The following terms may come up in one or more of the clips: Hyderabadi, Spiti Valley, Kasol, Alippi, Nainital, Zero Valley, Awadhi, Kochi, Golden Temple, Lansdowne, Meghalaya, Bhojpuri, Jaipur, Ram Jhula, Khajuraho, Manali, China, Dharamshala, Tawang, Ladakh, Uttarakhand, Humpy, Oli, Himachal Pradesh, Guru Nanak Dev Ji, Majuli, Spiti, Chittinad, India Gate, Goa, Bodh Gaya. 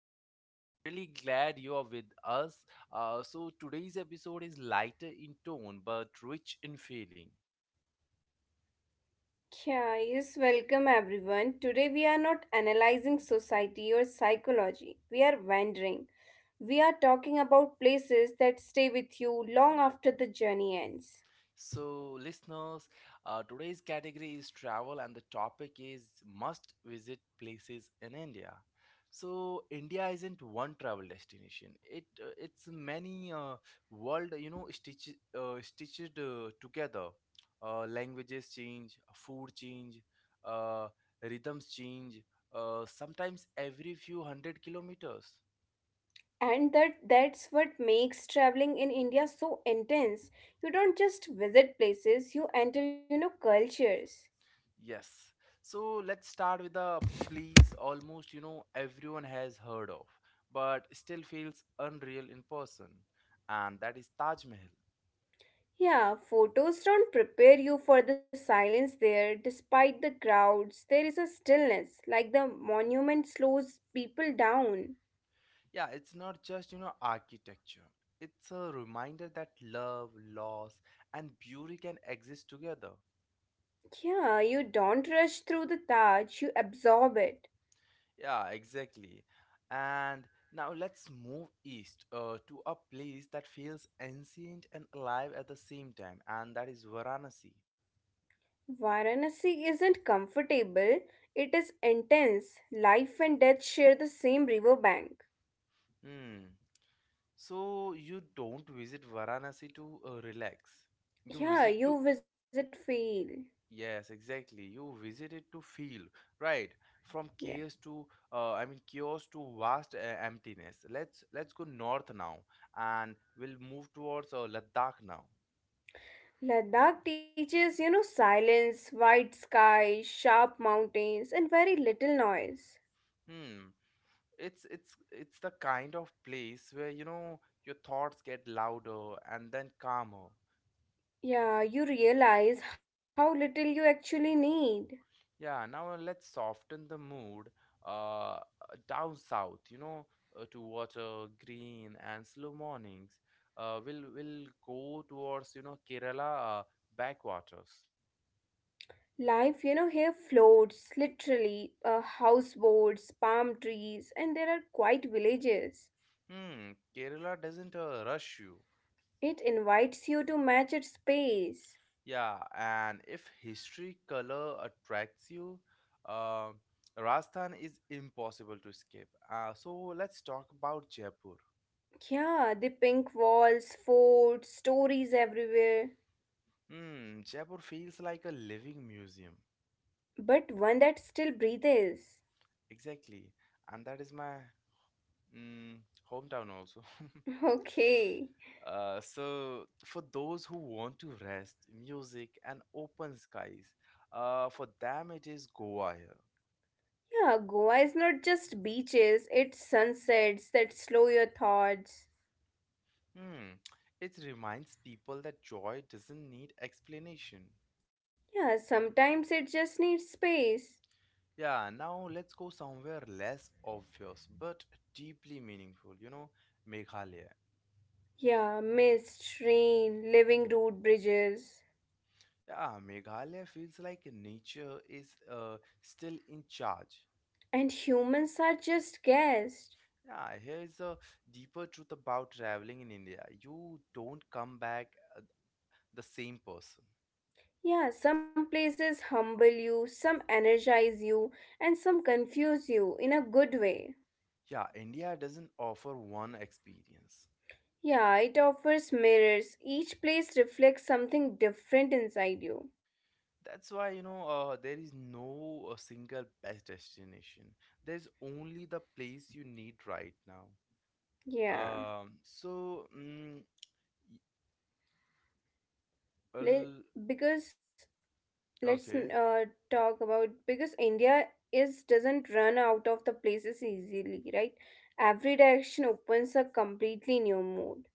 now, we are really glad you are with us. Today's episode is lighter in tone but rich in feeling. Yeah, yes, welcome everyone. Today we are not analyzing society or psychology. We are wandering. We are talking about places that stay with you long after the journey ends. So, listeners, today's category is travel, and the topic is must visit places in India. So, India isn't one travel destination. It's many world, stitch, stitched together. Languages change, food change, uh, rhythms change. Sometimes every few hundred kilometers. And that's what makes traveling in India so intense. You don't just visit places, you enter, you know, cultures. Yes. So let's start with the please almost you know everyone has heard of but still feels unreal in person, and that is Taj Mahal. Yeah, photos don't prepare you for the silence there. Despite the crowds, there is a stillness, like the monument slows people down. Yeah, it's not just architecture. It's a reminder that love, loss and beauty can exist together. Yeah, you don't rush through the Taj, you absorb it. Yeah, exactly. And now let's move east to a place that feels ancient and alive at the same time, and that is Varanasi. Varanasi isn't comfortable, it is intense. Life and death share the same riverbank. Hmm. So you don't visit Varanasi to relax. You Yeah, visit to you visit feel. yes, exactly. You visit it to feel right from Yeah. chaos to chaos to vast emptiness. Let's go north now, and we'll move towards Ladakh now. Ladakh teaches, you know, silence, white sky, sharp mountains, and very little noise. Hmm, it's the kind of place where you know your thoughts get louder and then calmer. Yeah, you realize how little you actually need. Yeah, now let's soften the mood uh, down south, you know, to water, green, and slow mornings. We'll go towards, you know, Kerala backwaters. Life, you know, here floats literally houseboats, palm trees, and there are quiet villages. Hmm, Kerala doesn't rush you. It invites you to match its space. Yeah, and if history color attracts you, uh, Rajasthan is impossible to escape. So let's talk about Jaipur. Yeah, the pink walls, forts, stories everywhere, Hmm, Jaipur feels like a living museum. but one that still breathes. Exactly. And that is my mm, hometown also. Okay. So for those who want to rest, music and open skies, for them it is Goa here. Yeah, Goa is not just beaches, it's sunsets that slow your thoughts. Hmm. It reminds people that joy doesn't need explanation. Yeah, sometimes it just needs space. Yeah, now let's go somewhere less obvious but deeply meaningful, you know, Meghalaya. Yeah, mist, rain, living road bridges. Yeah, Meghalaya feels like nature is still in charge. And humans are just guests. Yeah, here is a deeper truth about traveling in India. You don't come back uh, the same person. Yeah, some places humble you, some energize you, and some confuse you in a good way. Yeah, India doesn't offer one experience. Yeah, it offers mirrors. Each place reflects something different inside you. That's why, you know, there is no single best destination. There's only the place you need right now. Yeah. Um, so, mm, y- Let, well, because let's okay. Talk about because India is doesn't run out of the places easily, right? Every direction opens a completely new mood.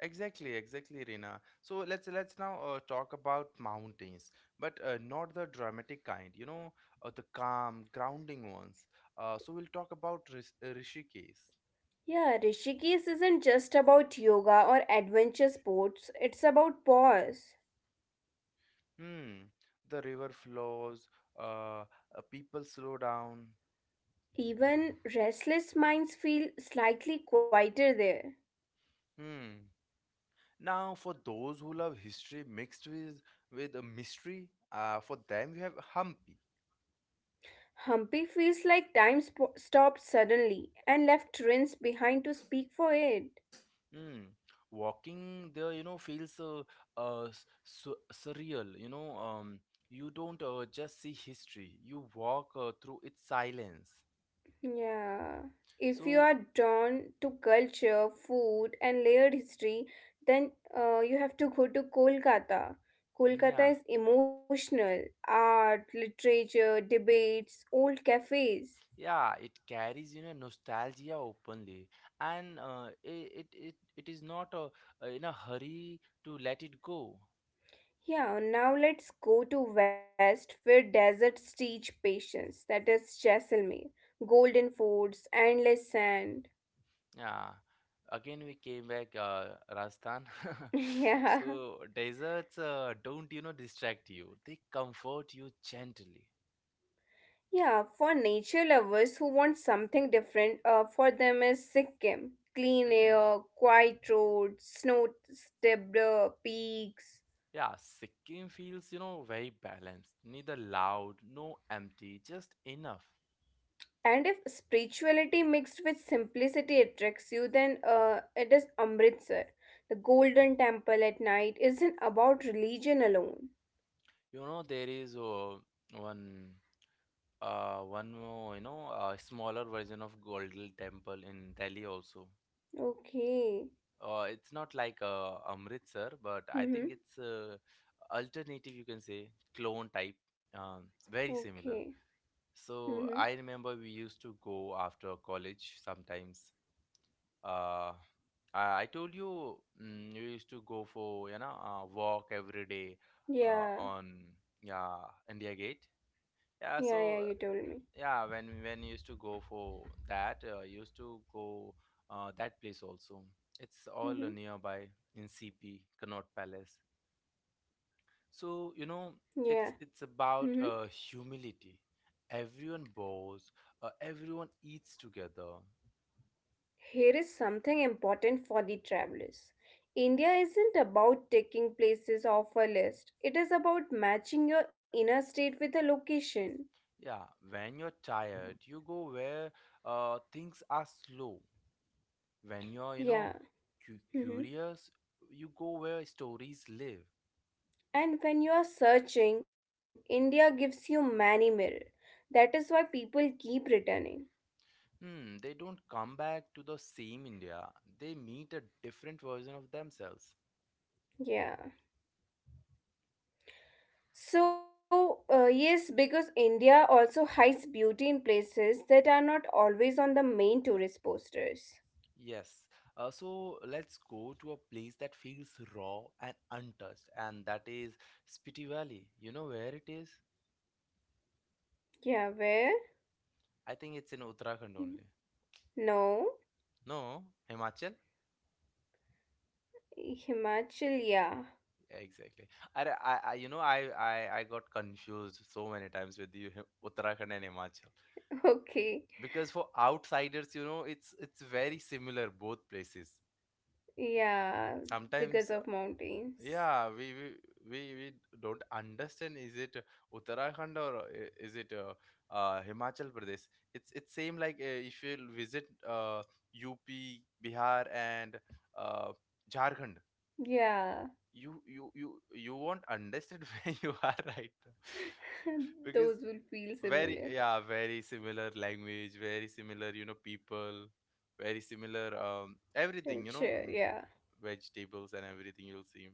Exactly, exactly, Rina. So let's now talk about mountains, but not the dramatic kind. You know, the calm, grounding ones. So we'll talk about Rishikesh. Yeah, Rishikesh isn't just about yoga or adventure sports, it's about pause. Hmm. The river flows. Uh, people slow down. Even restless minds feel slightly quieter there. Hmm. Now, for those who love history mixed with a mystery, for them we have Hampi. Humpy feels like time stopped suddenly and left Rince behind to speak for it. Mm. Walking there, you know, feels s- su surreal. You know, you don't just see history, you walk through its silence. Yeah. If you So, are drawn to culture, food, and layered history, then you have to go to Kolkata. yeah, Kolkata is emotional art, literature, debates, old cafes. yeah, it carries, you know, nostalgia openly, and it, it is not in a hurry to let it go. Yeah, now let's go to West where deserts teach patience. That is Jaisalmer. Golden forts, endless sand. Yeah, again we came back, Rajasthan. Yeah. So deserts don't, you know, distract you. They comfort you gently. Yeah, for nature lovers who want something different, for them is Sikkim. Clean Mm-mm. air, quiet roads, snow-stepped peaks. Yeah, Sikkim feels, you know, very balanced. Neither loud, no empty, just enough. And if spirituality mixed with simplicity attracts you, then it is Amritsar. The golden temple at night isn't about religion alone. You know, there is one, one more, you know, smaller version of Golden Temple in Delhi also. Okay. It's not like Amritsar, but I Mm-hmm. think it's alternative, you can say, clone type. Um, very Okay. similar. Mm-hmm. So I remember we used to go after college sometimes. uh, I told you you used to go for walk every day Yeah. on yeah India Gate. Yeah, Yeah, yeah, you so told me. yeah, when you used to go for that, you used to go that place also. It's all Mm-hmm. nearby in CP Connaught Palace. So you know Yeah. it's Mm-hmm. about humility. Everyone bows. Everyone eats together. Here is something important for the travelers. India isn't about taking places off a list. It is about matching your inner state with a location. Yeah, when you're tired, you go where things are slow. When you're, you know, Yeah. Mhm. curious, you go where stories live. And when you are searching, India gives you many mirror. That is why people keep returning. Hmm, they don't come back to the same India. They meet a different version of themselves. Yeah. So, yes, because India also hides beauty in places that are not always on the main tourist posters. Yes. So let's go to a place that feels raw and untouched, and that is Spiti Valley. You know where it is? Yeah, where? I think it's in Uttarakhand only. No. No, Himachal? Himachal, yeah. Yeah, exactly. I you know, I got confused so many times with you, Uttarakhand and Himachal, Okay. because for outsiders, you know, it's very similar both places. Yeah, because Sometimes, of mountains. yeah, we don't understand. Is it Uttarakhand or is it Himachal Pradesh? It's same like if you visit UP, Bihar, and uh, Jharkhand. Yeah, You won't understand where you are right now those because will feel similar. very yeah very similar language, very similar you know people, very similar everything you know Culture, yeah. vegetables and everything you'll see.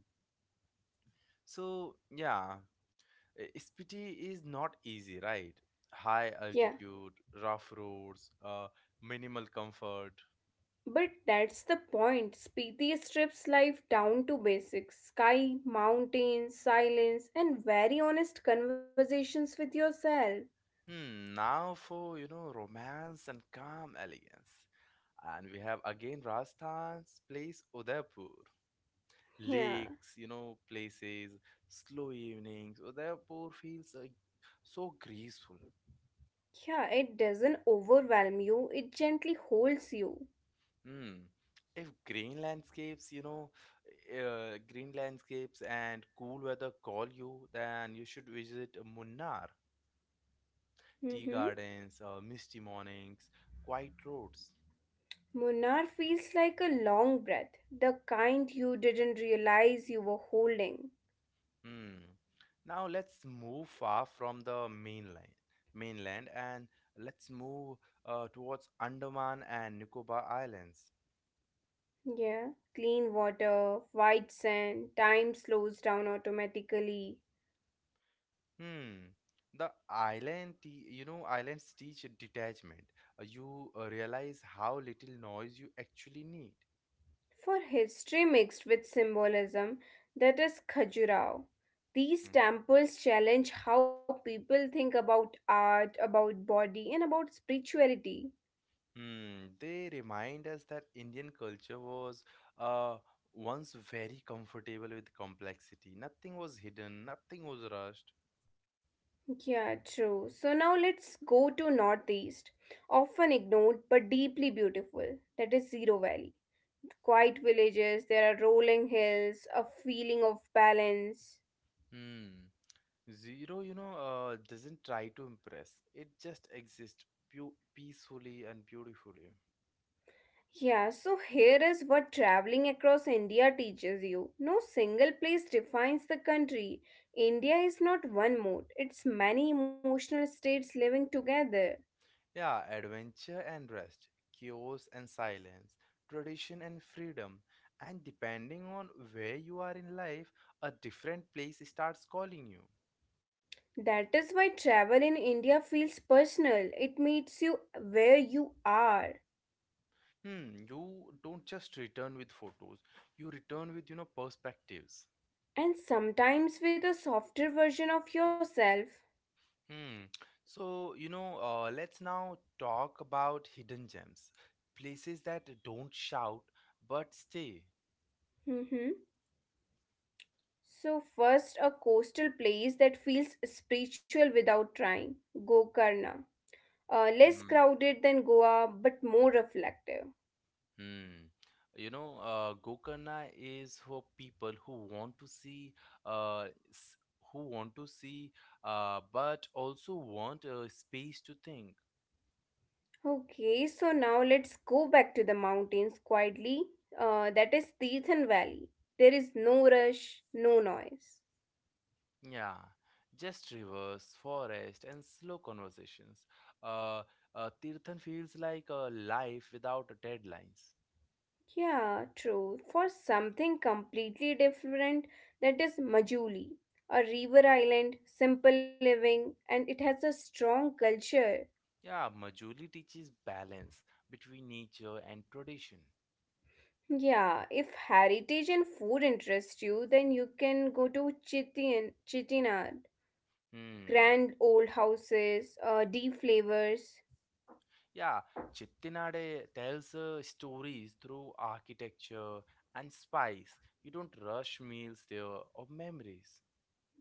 So yeah, Spiti is not easy, right? High Yeah, altitude, rough roads, minimal comfort. but that's the point. Spiti strips life down to basics sky, mountains, silence, and very honest conversations with yourself. Hmm, now for you know romance and calm elegance, and we have again Rajasthan's place Udaipur. Yeah. Lakes, you know, places, slow evenings. So therefore, feels like so graceful. Yeah, it doesn't overwhelm you, it gently holds you. Hmm. If green landscapes, you know, green landscapes and cool weather call you, then you should visit Munnar. Mm-hmm. Tea gardens, misty mornings, quiet roads. Munar feels like a long breath, the kind you didn't realize you were holding. Hmm. Now let's move far from the mainland, mainland, and let's move towards Andaman and Nicobar Islands. Yeah. Clean water, white sand, time slows down automatically. Hmm. You know, islands teach detachment. You realize how little noise you actually need. For history mixed with symbolism, that is Khajuraho. These Mhm. temples challenge how people think about art, about body, and about spirituality. Hmm. They remind us that Indian culture was uh, once very comfortable with complexity. Nothing was hidden, nothing was rushed. Yeah, true. So now let's go to Northeast. Often ignored but deeply beautiful, that is Zero Valley. Quiet villages, there are rolling hills, a feeling of balance. Hmm. Zero, you know, doesn't try to impress. It just exists peacefully and beautifully. Yeah, so here is what traveling across India teaches you. No single place defines the country. India is not one mode, it's many emotional states living together. Yeah, adventure and rest, chaos and silence, tradition and freedom. And depending on where you are in life, a different place starts calling you. That is why travel in India feels personal. It meets you where you are Hmm, you don't just return with photos, you return with, you know, perspectives. and sometimes with a softer version of yourself. Hmm. So, you know, let's now talk about hidden gems, places that don't shout but stay. Mm-hmm. So, first, a coastal place that feels spiritual without trying Gokarna. Less crowded than Goa, but more reflective. Hmm. You know, Gokarna is for people who want to see, uh, s- who want to see, but also want a space to think. Okay, so now let's go back to the mountains quietly. That is Tirthan Valley. There is no rush, no noise. Yeah, just rivers, forest, and slow conversations. Uh, Tirthan feels like a life without deadlines. Yeah, true. For something completely different, that is Majuli, a river island, simple living, and it has a strong culture. Yeah, Majuli teaches balance between nature and tradition. Yeah, if heritage and food interest you, then you can go to Chittinad. Hmm. Grand old houses, deep flavors. Yeah, Chettinade tells stories through architecture and spice. You don't rush meals there or memories.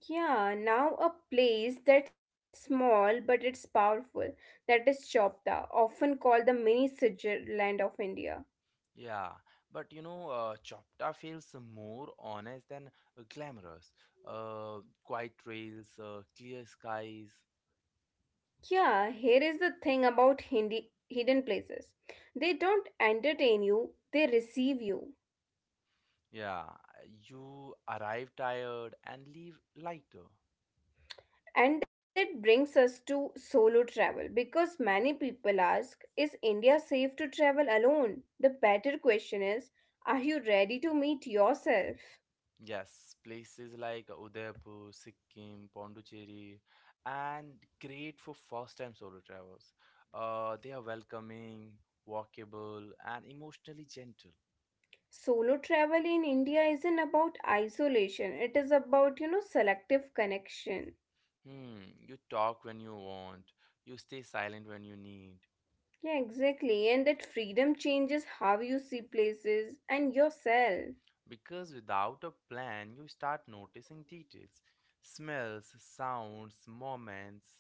Yeah, now a place that's small but it's powerful. That is Chopta, often called the mini Switzerland of India. Yeah, but you know, Chopta feels more honest than glamorous. Quiet trails, clear skies. Yeah, here is the thing about Hindi, hidden places. They don't entertain you, they receive you. Yeah, you arrive tired and leave lighter. And that brings us to solo travel because many people ask, is India safe to travel alone? The better question is, are you ready to meet yourself? Yes, places like Udaipur, Sikkim, Pondicherry, and great for first-time solo travelers. They are welcoming, walkable, and emotionally gentle. Solo travel in India isn't about isolation, it is about, you know, selective connection. Hmm, you talk when you want, you stay silent when you need. Yeah, exactly. And that freedom changes how you see places and yourself. Because without a plan, you start noticing details, smells, sounds, moments.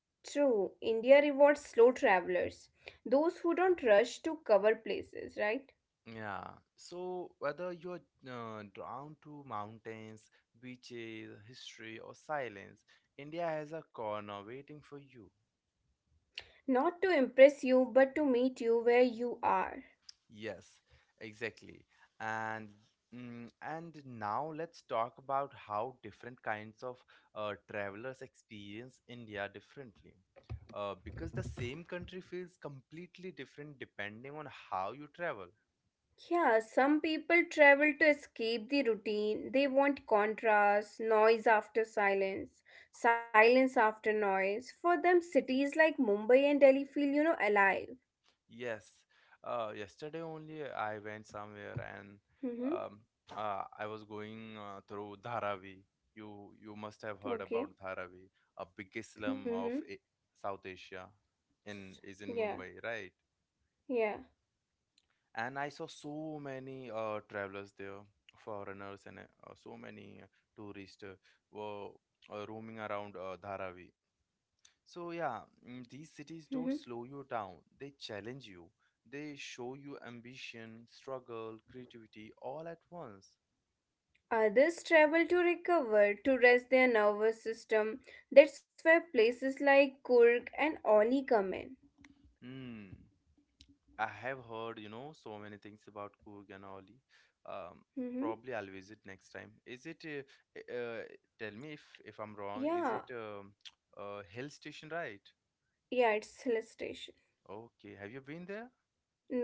True, India rewards slow travelers, those who don't rush to cover places, right? Yeah, so whether you're drawn to mountains, beaches, history, or silence, India has a corner waiting for you. Not to impress you, but to meet you where you are. Yes, exactly. And and now let's talk about how different kinds of travelers experience India differently. Because the same country feels completely different depending on how you travel. Yeah, some people travel to escape the routine. They want contrast, noise after silence, silence after noise. For them, cities like Mumbai and Delhi feel, you know, alive. Yes. Yesterday only I went somewhere and Mm-hmm. um, I was going through Dharavi. You must have heard Okay. about Dharavi, a biggest Mm-hmm. slum of South Asia, in is Yeah. in Mumbai, right? Yeah. And I saw so many travelers there, foreigners and so many tourists were roaming around Dharavi, so, yeah, these cities Mm-hmm. don't slow you down, they challenge you. They show you ambition, struggle, creativity all at once. Others travel to recover, to rest their nervous system. That's where places like Kurg and Oli come in. Hmm, I have heard, you know, so many things about Coorg and Oli. Um, Mm-hmm. probably I'll visit next time. Is it, tell me if I'm wrong, is it Yeah. Hill station, right? Yeah, it's hill station. Okay, have you been there?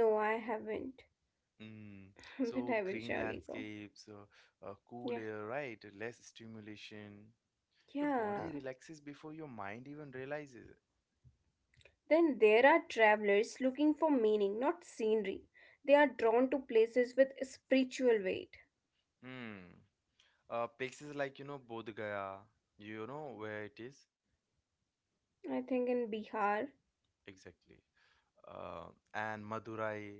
No, I haven't, Mm. So but I green will surely go. landscapes, cool air, Yeah. right? Less stimulation. Your body Yeah. relaxes before your mind even realizes it. Then there are travelers looking for meaning, not scenery. They are drawn to places with spiritual weight. Hmm. Places like, you know, Bodh Gaya, you know where it is I think in Bihar. exactly. Uh, and Madurai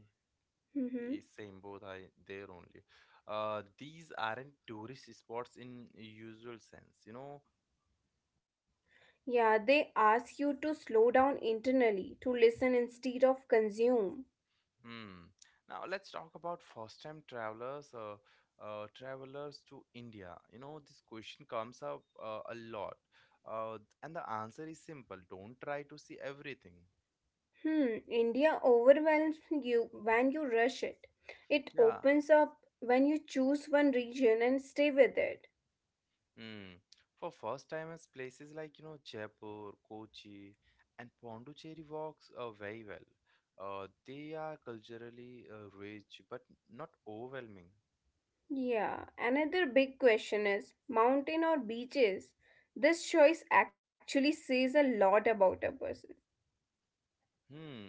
is Mm-hmm. same, both are there only. These aren't tourist spots in usual sense, you know. Yeah, they ask you to slow down internally, to listen instead of consume. Hmm. Now let's talk about first-time travelers, travelers to India. You know, this question comes up a lot. Uh, and the answer is simple. Don't try to see everything. Hmm, India overwhelms you when you rush it. It Yeah. opens up when you choose one region and stay with it. Mm. For first timers, places like you know Jaipur, Kochi, and Pondicherry works very well. They are culturally rich but not overwhelming. Yeah, another big question is mountain or beaches? This choice actually says a lot about a person. Hmm.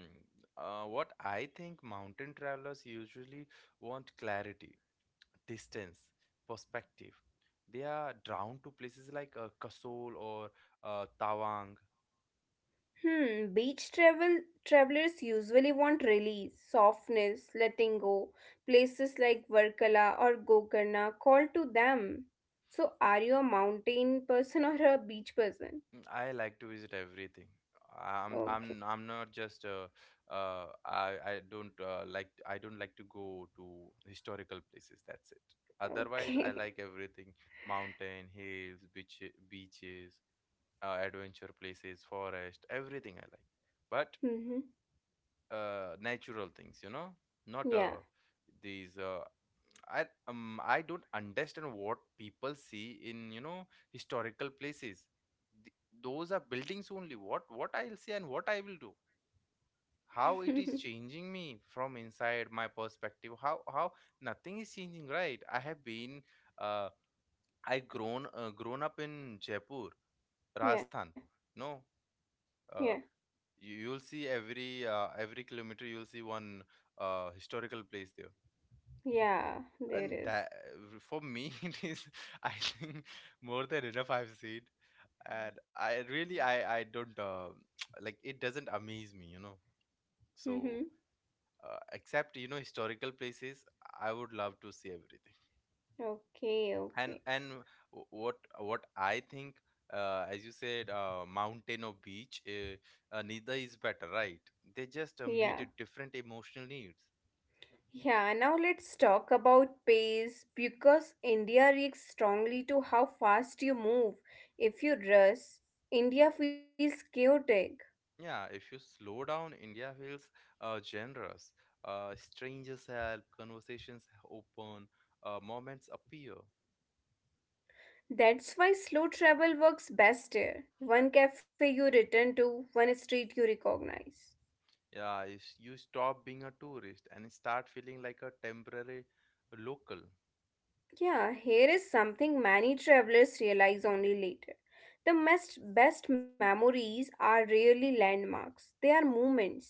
What I think mountain travelers usually want clarity, distance, perspective. They are drawn to places like Kasol or Tawang. Hmm, beach travel travelers usually want release, softness, letting go. Places like Varkala or Gokarna call to them. So are you a mountain person or a beach person? I like to visit everything. I'm Okay. I'm I'm not just I don't like. I don't like to go to historical places. That's it. Otherwise, I Okay. like everything: mountain, hills, beach, beaches, adventure places, forest, everything I like. But Mhm. Natural things, you know, not Yeah. These. I don't understand what people see in historical places. Th- those are buildings only. What I'll see and what I will do. How it is changing me from inside my perspective. How nothing is changing, right? I have been uh, I grown grown up in Jaipur, yeah. Rajasthan. No, Yeah. uh, you you'll see every kilometer you'll see one historical place there, Yeah, there and is. that for me it is, I think, more than enough I've seen. And I really, I don't like, it doesn't amaze me, you know. So Mhm. Except, you know, historical places, I would love to see everything. Okay, and okay. and wh- what what I think, as you said, mountain or beach, neither is better, right? They just Yeah. meet a different emotional needs. Yeah, now let's talk about pace because India reacts strongly to how fast you move. If you rush, India feels chaotic. Yeah, if you slow down, India feels generous. Strangers help, conversations open, moments appear. That's why slow travel works best here. One cafe you return to, one street you recognize. Yeah, you, you stop being a tourist and start feeling like a temporary local. Yeah, here is something many travelers realize only later. The best memories are rarely landmarks, they are moments.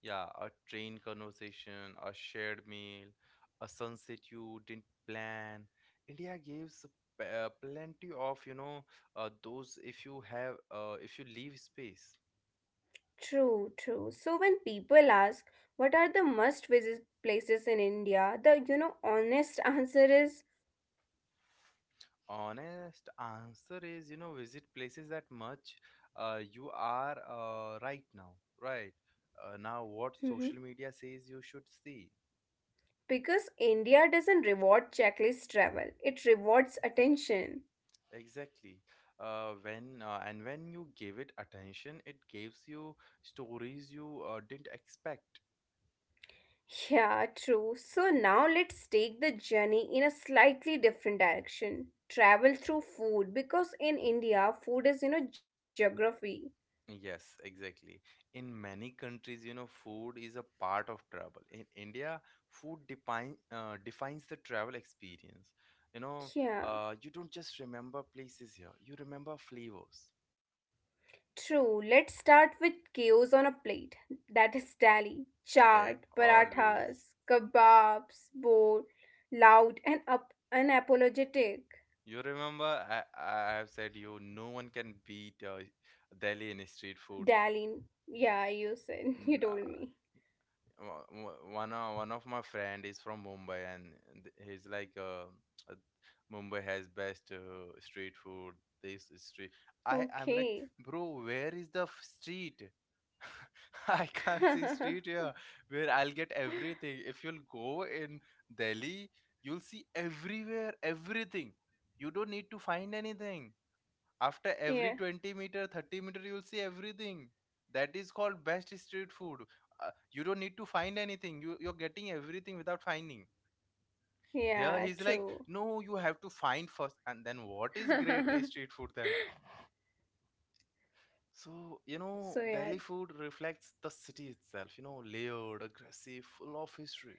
Yeah, a train conversation, a shared meal, a sunset you didn't plan. India gives plenty of, you know, those, if you have, if you leave space. True, true. So when people ask what are the must visit places in India, the you know honest answer is Honest answer is, you know, visit places that much you are right now, right? Now what hmm social media says you should see. because India doesn't reward checklist travel. It rewards attention. Exactly. Uh, when uh, and when you give it attention, it gives you stories you didn't expect. Yeah, true. So now let's take the journey in a slightly different direction. Travel through food because in India food is you know geography. Yes, exactly. In many countries, you know, food is a part of travel. In India, food define defines the travel experience. You know, Yeah. You don't just remember places here; you remember flavors. True, let's start with chaos on a plate. That is dali, Eh, chaat, always. parathas, kebabs, bold, loud, and up unapologetic. You remember? I have said you. No one can beat Delhi in street food. Dali, yeah, you said, you told me. One of my friend is from Mumbai, and he's like uh, Mumbai has best street food. This is street. I'm like, Okay. bro, where is the street? I can't see street here. Where I'll get everything? If you'll go in Delhi, you'll see everywhere, everything. You don't need to find anything. After every yeah, 20 meter, 30 meter, you will see everything. That is called best street food. You don't need to find anything, you're getting everything without finding. Here, he's yeah, like, true. no, you have to find first, and then what is great street food then? So, you so, know, yeah, Delhi food reflects the city itself, you know, layered, aggressive, full of history.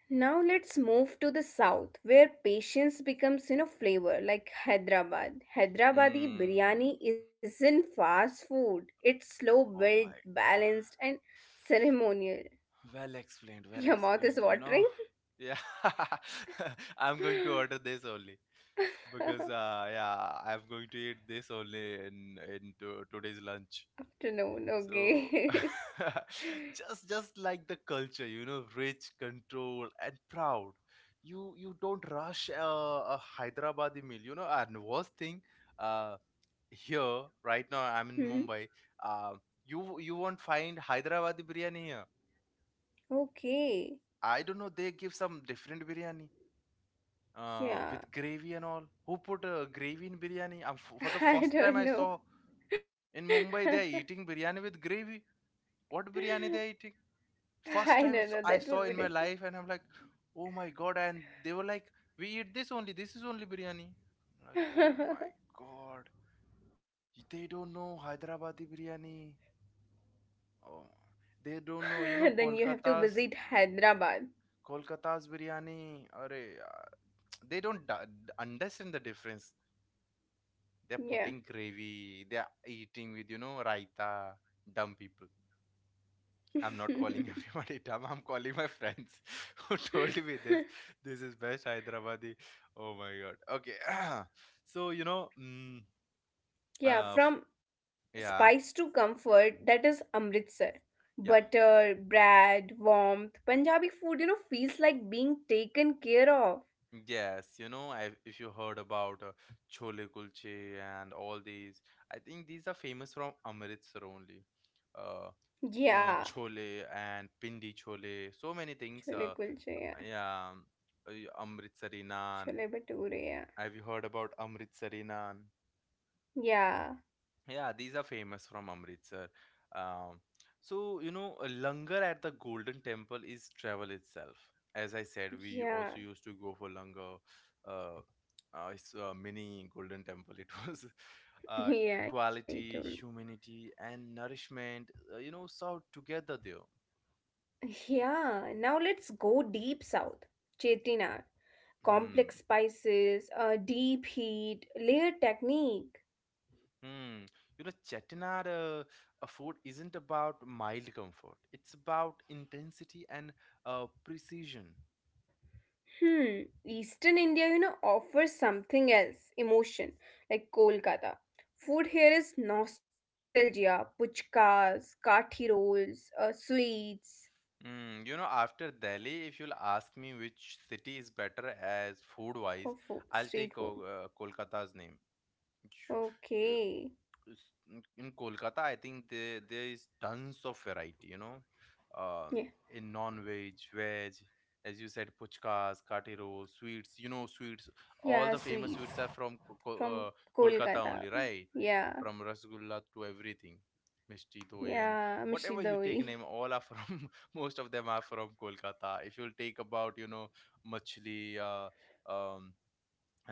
now let's move to the south where patience becomes you know flavor like Hyderabad. Hyderabadi Mm, biryani isn't fast food. It's slow oh built, my god. balanced and ceremonial. Well explained, well Your mouth explained, is you know. watering? Yeah. I'm going to order this only because, yeah, I'm going to eat this only in today's lunch. Afternoon, So okay. just like the culture, you know, rich, controlled, and proud. You don't rush a Hyderabadi meal, you know. And worst thing, uh, here right now I'm in Mhm. Mumbai. Uh, you won't find Hyderabadi biryani here. Okay. I don't know. They give some different biryani Yeah. with gravy and all. Who put gravy in biryani? For the I first time don't I know. saw. In Mumbai, they are eating biryani with gravy. What I biryani they are eating? don't First time know, it's- that I will be saw in my different. life, and I'm like, oh my god! And they were like, we eat this only. This is only biryani. I'm like, oh my god! They don't know Hyderabadi biryani. Oh, they don't know. Then you have to visit Hyderabad. Kolkata's biryani. Arey, they don't understand the difference. They're Yeah. putting gravy. They're eating with, you know, raita. Dumb people. I'm not calling everybody dumb. I'm calling my friends who told me this. This is best Hyderabadi. Oh my god. Okay. So, you know, yeah, uh, f- from spice yeah, to comfort, that is Amritsar. yeah, Butter, bread, warmth, Punjabi food, you know, feels like being taken care of. yes. You know, I, if you heard about chole kulche and all these, I think these are famous from Amritsar only. Uh, Yeah, Chole and pindi chole, so many chole things. kulche, yeah, yeah, um, Amritsari chole naan. bhature, yeah, Have you heard about Amritsari naan? yeah, Yeah, these are famous from Amritsar. Um, so, you know, a langar at the Golden Temple is travel itself. As I said, we yeah, also used to go for langar. Uh, it's a mini Golden Temple. It was yeah, I told. equality, humanity, and nourishment, you know, served together there. Yeah, now let's go deep south. Chettinad, Hmm. complex spices, deep heat, layer technique. Hmm. You know, Chettinad food isn't about mild comfort. It's about intensity and precision. Hmm, Eastern India, you know, offers something else, emotion, like Kolkata. Food here is nostalgia, puchkas, kathi rolls, sweets Mm, you know, after Delhi, if you'll ask me which city is better as food wise, for food, I'll take street food. Kolkata's name. Okay, In in Kolkata, I think there is tons of variety. You know, uh, yeah, in non-veg, veg, as you said, puchkas, kati rolls, sweets. You know, sweets. All yeah, the famous sweets sweets are from from Kolkata Kolkata. only, right? Yeah, From rasgulla to everything, mishti doi, yeah, and whatever mishidawi, you take name, all are from. Most of them are from Kolkata. If you'll take about, you know, machli, um,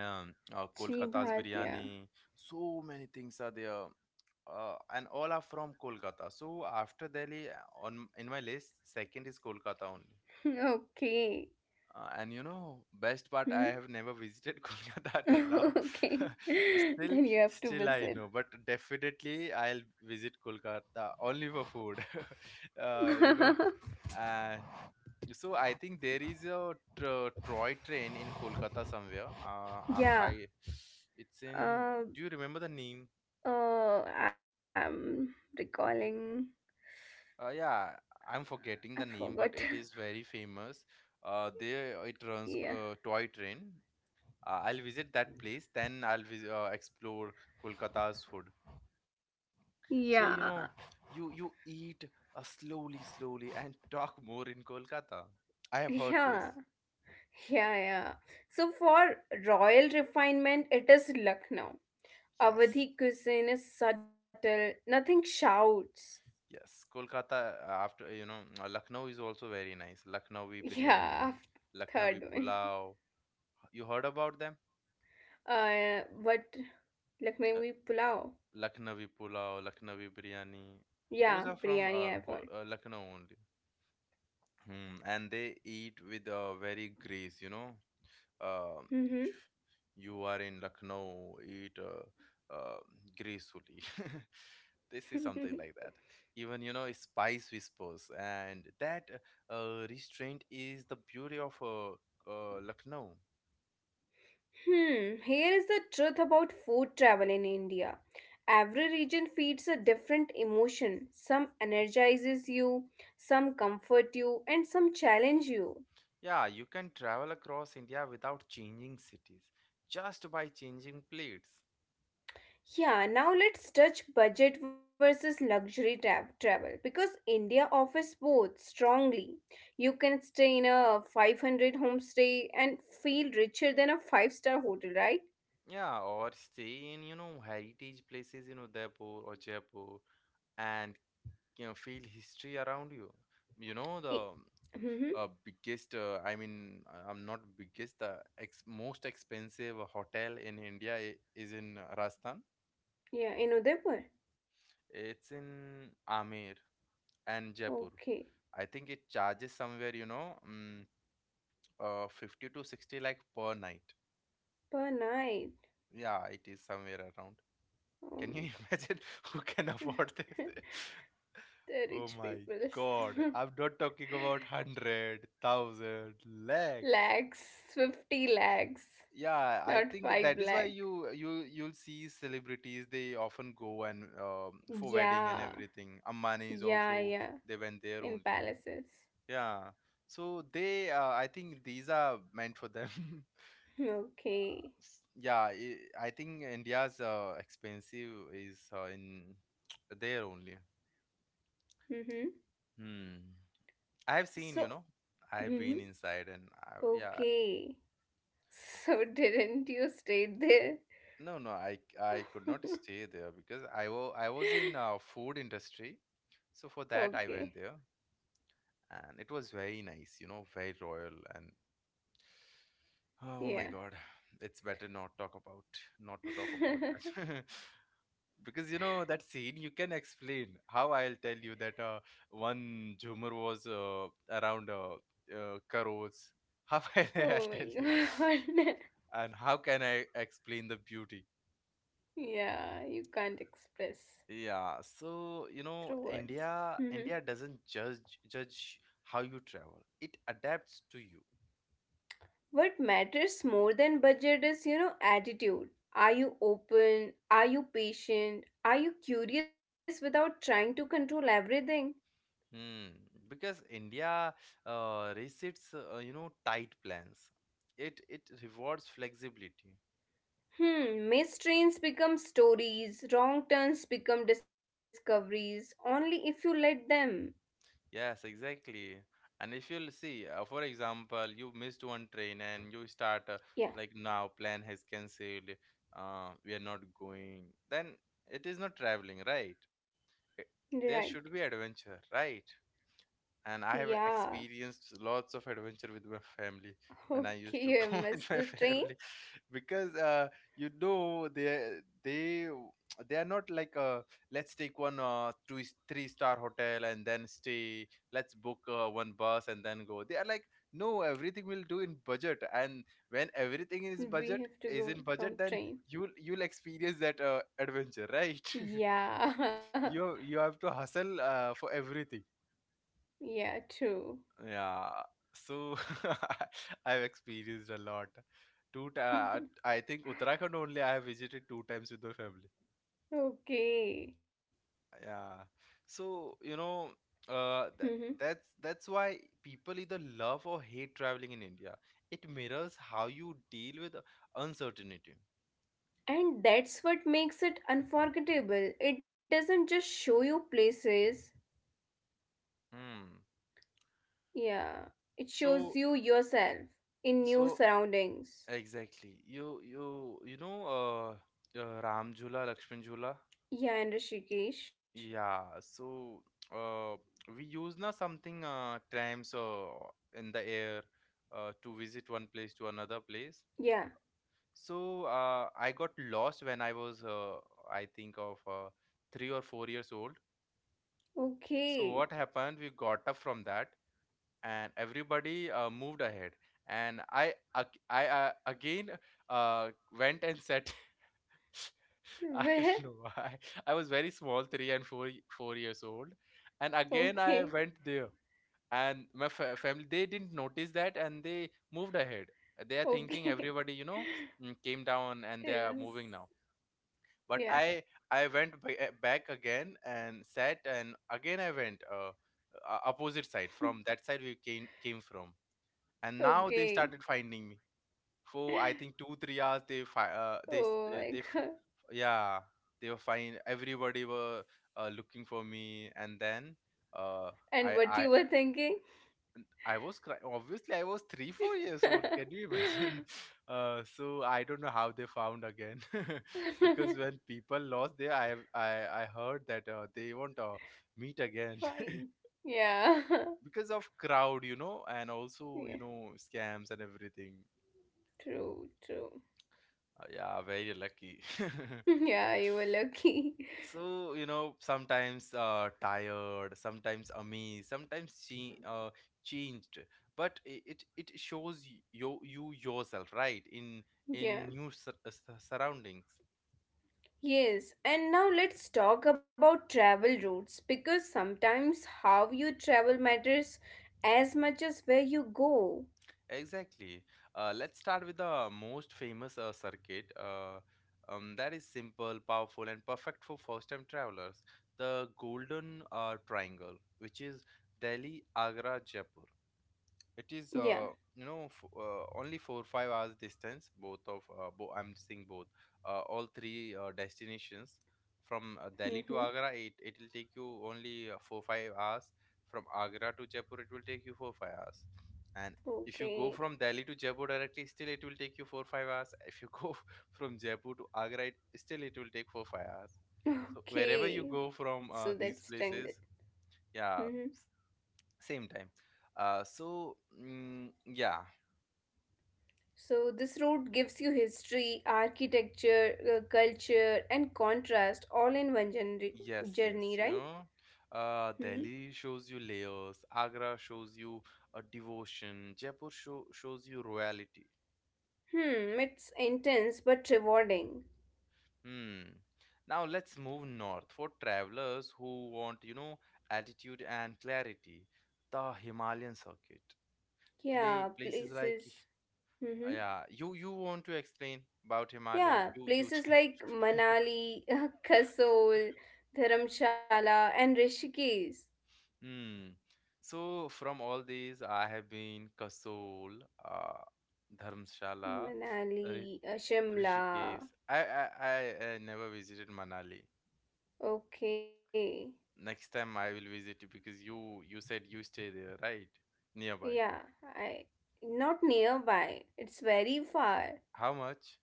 Kolkata's chibhatia. biryani. So many things are there, and all are from Kolkata. So after Delhi, on in my list, second is Kolkata only. Okay, And you know, best part, I hmm? have never visited Kolkata till now. okay, Still, then you have to still I visit. know, but definitely I'll visit Kolkata only for food. You know, and so I think there is a Troy train in Kolkata somewhere. I'm Yeah. I. It's in. uh, Do you remember the name? Oh, I'm recalling. Yeah, I'm I forgetting the name, forgot. but it is very famous. There it runs Yeah. Toy train. I'll visit that place, then I'll explore Kolkata's food. Yeah. So you know, you eat slowly, slowly, and talk more in Kolkata. I have heard this. Yeah. Yeah. Yeah. So for royal refinement, it is Lucknow. Yes. Awadhi cuisine is subtle, nothing shouts. Yes, Kolkata, after, you know, Lucknow is also very nice. Lucknowi biryani, Yeah. Af- Lucknowi third one. pulao. You heard about them? But Uh, Lucknowi pulao. Lucknowi pulao, Lucknowi biryani. Those Yeah, are from biryani I've heard. Lucknow only. Hmm. And they eat with very grace, you know. uh, Mm-hmm. you are in Lucknow, eat uh, gracefully. This is something like that. Even, you know, spice whispers, and that restraint is the beauty of Lucknow. Hmm, here is the truth about food travel in India. Every region feeds a different emotion. Some energizes you, some comfort you, and some challenge you. Yeah, you can travel across India without changing cities, just by changing plates. Yeah, now let's touch budget versus travel because India offers both strongly. You can stay in a 500 homestay and feel richer than a 5-star hotel, right? Yeah, or stay in, you know, heritage places in Udaipur or Jaipur, and you know, feel history around you. You know, I- the mm-hmm. Biggest I mean I'm not biggest the ex- most expensive hotel in India is in Rajasthan. Yeah, in Udaipur. It's in Amir and Jaipur, Okay, I think. It charges somewhere, you know, 50 to 60, like, per night. per night. Yeah, it is somewhere around. Oh Can you my imagine god. who can afford this? the rich Oh people. my god, I'm not talking about 100, 1,000, lakh. lakhs, 50 lakhs, Yeah, I not think that 5 is why lakh. You'll see celebrities, they often go and for Yeah, wedding and everything. Ambani is yeah, yeah, also, they went there in only. palaces. Yeah. So they, I think these are meant for them. Okay. Yeah, I think India's expensive is in there only. Mm-hmm. Hmm. I have seen, So, you know, I've mm-hmm. been inside and I, yeah. Okay. So, didn't you stay there? No, no, I could not stay there because I was in food industry. So for that I okay, went there, and it was very nice, you know, very royal and oh my yeah. God, it's better not talk about not to talk about that. Because you know that scene, you can explain. How I'll tell you that one Jhumar was around crores. How I'll oh tell you? my god. And how can I explain the beauty? yeah, you can't express Yeah, so you through know, words. India doesn't judge how you travel. It adapts to you. What matters more than budget is, you know, attitude. Are you open? Are you patient? Are you curious without trying to control everything? Hmm. Because India resets, you know, tight plans. It rewards flexibility. Hmm, missed trains become stories, wrong turns become discoveries, only if you let them. Yes, exactly. And if you'll see, for example, you missed one train and you start Yeah, like, now plan has cancelled. We are not going. Then it is not traveling, right? It, right. there should be adventure, right? And I have Yeah. experienced lots of adventure with my family when I used to Okay, I go with missed my the train. family because you know, they they are not like, let's take one two three star hotel and then stay, let's book one bus and then go. They are like, no, everything will do in budget. And when everything is We budget have to is go in budget, from then train. you'll experience that adventure, right? Yeah. You have to hustle for everything. yeah, true. Yeah, so I've experienced a lot. I think Uttarakhand only I have visited 2 times with my family. okay. Yeah, so you know, th that's why people either love or hate traveling in India. It mirrors how you deal with uncertainty. And that's what makes it unforgettable. It doesn't just show you places. Hmm. Yeah. It So shows you yourself in so new surroundings. exactly. You know, Ram Jhula, Lakshman Jhula. Yeah, and Rishikesh. Yeah, so uh, we use na something trams in the air to visit one place to another place. Yeah. So I got lost when I was, I think, of 3 or 4 years old. So Okay. what happened? We got up from that, and everybody moved ahead, and I again uh, went and sat. I don't know Where? why. I was very small, three and four 4 years old, and again I Okay. went there, and my family they didn't notice that, and they moved ahead. They are thinking everybody, Okay. Came down and they are Is. moving now. But Yeah. I went back again and sat, and again I went opposite side from that side we came from, and now they started Okay. finding me for I think 2 3 hours they fi- they s- they Oh f- my god. yeah, they were fine, everybody were looking for me, and then uh And I what you I were thinking? I was obviously I was 3 4 years old, can you imagine? So I don't know how they found again. Because when people lost there, I heard that they won't meet again, Fine. Yeah. because of crowd, and also Yeah. Scams and everything. True, true. Yeah, very lucky. Yeah, you were lucky. so you know, sometimes tired, sometimes amazed, sometimes she changed, but it shows you yourself, right, in Yeah. in new surroundings. Yes, and now let's talk about travel routes because sometimes how you travel matters as much as where you go. Exactly. Let's start with the most famous circuit, that is simple, powerful, and perfect for first time travelers, the Golden Triangle, which is Delhi, Agra, Jaipur. It is, Yeah. you know, f only 4 5 hours distance. Both of bo I'm saying both, all three destinations. From Delhi to Mm-hmm. Agra, it will take you only 4 5 hours. From Agra to Jaipur, it will take you 4 5 hours. And if you go Okay. from Delhi to Jaipur directly, still it will take you 4 5 hours. If you go from Jaipur to Agra, it, still it will take 4 5 hours. So wherever you Okay. go So from that's these strangled. places, Mm-hmm. yeah, same time. uh so yeah. So this route gives you history, architecture, culture, and contrast all in one journey, Yes, journey yes, right? you know, Mm-hmm. Delhi shows you layers, Agra shows you a devotion, Jaipur shows you royalty. Hmm. It's intense but rewarding. Hmm. Now let's move north for travelers who want, you know, altitude and clarity, the Himalayan circuit. Play Yeah. Places like, Places. Mm-hmm. yeah, you want to explain about Himalaya, Yeah, you places like Manali, Kasol, Dharamshala, and Rishikesh. Hmm. So from all these, I have been Kasol, uh, Dharamshala, Manali, Ri- Shimla. Rishikesh. I never visited Manali. Okay. Next time I will visit you, because you said you stay there, right? Nearby. Yeah, I not nearby. It's very far. How much?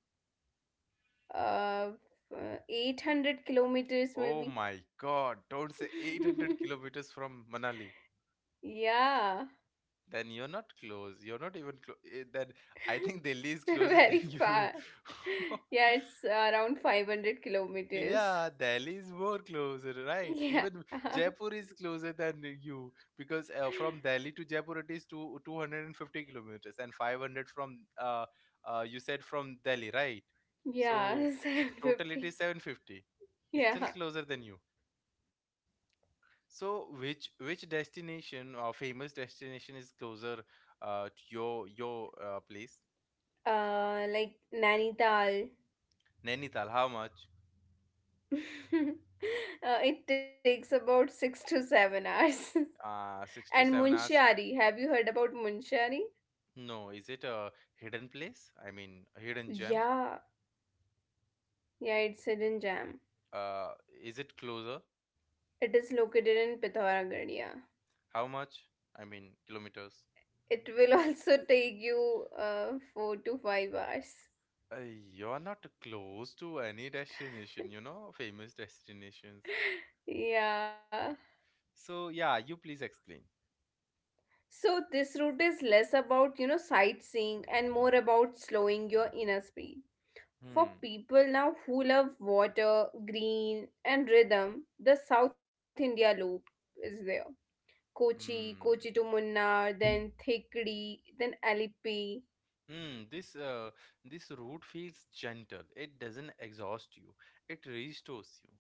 Uh, 800 kilometers Oh maybe. my God! Don't say 800 kilometers from Manali. Yeah. Then you're not close. You're not even close. Then I think Delhi is closer than Very you. far. Yeah, it's around 500 kilometers. Yeah, Delhi is more closer, right? Even Yeah. Jaipur is closer than you, because from Delhi to Jaipur it is two 250 kilometers and 500 from you said from Delhi, right? Yeah, So total it 750. is 750. It's still Yeah. closer than you. So which destination or famous destination is closer to your place? Like Nainital. Nainital, how much? uh, it takes about 6 to 7 hours. Six to And seven hours. Munshari. Have you heard about Munshari? No, is it a hidden place? I mean, a hidden gem? Yeah, yeah, it's hidden gem. Uh, is it closer? It is located in Pithoragarh. Yeah, How much? I mean, kilometers. it will also take you 4 to 5 hours. Uh, you're not close to any destination, you know, famous destinations. Yeah. So yeah, you please explain. So this route is less, about you know, sightseeing and more about slowing your inner speed. For Hmm. people now who love water, green, and rhythm, the South India loop is there. Kochi to Hmm. Munnar, then Thekri, then Alippi. Hmm. This route feels gentle. It doesn't exhaust you. It restores you.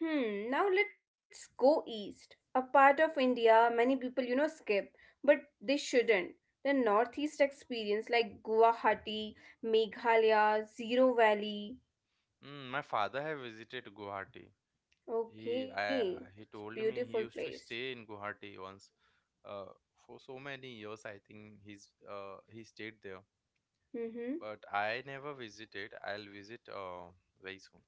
Hmm, now let's go east. A part of India many people, you know, skip, but they shouldn't. The northeast experience like Guwahati, Meghalaya, Zero Valley. Hmm. My father have visited Guwahati. He Okay, I, that's he told beautiful me he used place. to stay in Guwahati once uh, for so many years. I think he stayed there, Mm-hmm. but I never visited. I'll visit very soon.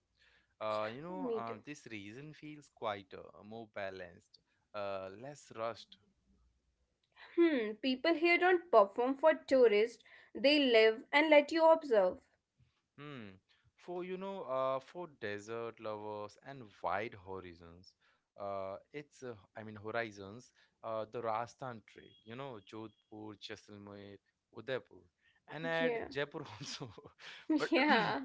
Yeah, me too. This region feels quieter, more balanced, less rushed. Hmm, people here don't perform for tourists. They live and let you observe. Hmm. For desert lovers and wide horizons, it's I mean horizons, the Rajasthan trail. You know, Jodhpur, Jaisalmer, Udaipur, and add Yeah. Jaipur also. But Yeah.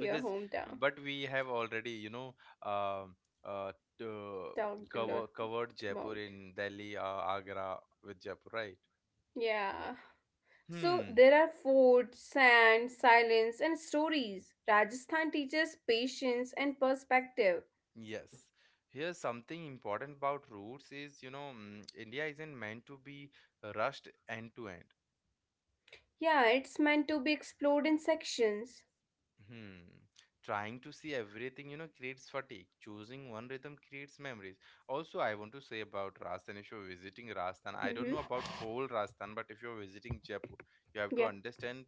Your hometown. but we have already, you know, um uh, uh, Talked a lot covered about. Jaipur, in Delhi, Agra with Jaipur, right? Yeah. So Hmm. there are food, sand, silence, and stories. Rajasthan teaches patience and perspective. Yes. Here's something important about roots is, you know, India isn't meant to be rushed end to end. Yeah, it's meant to be explored in sections. Hmm. Trying to see everything, you know, creates fatigue. Choosing one rhythm creates memories. Also, I want to say about Rajasthan, if you're visiting Rajasthan, I don't Mm-hmm. know about whole Rajasthan, but if you're visiting Jaipur, you have to Yeah. understand,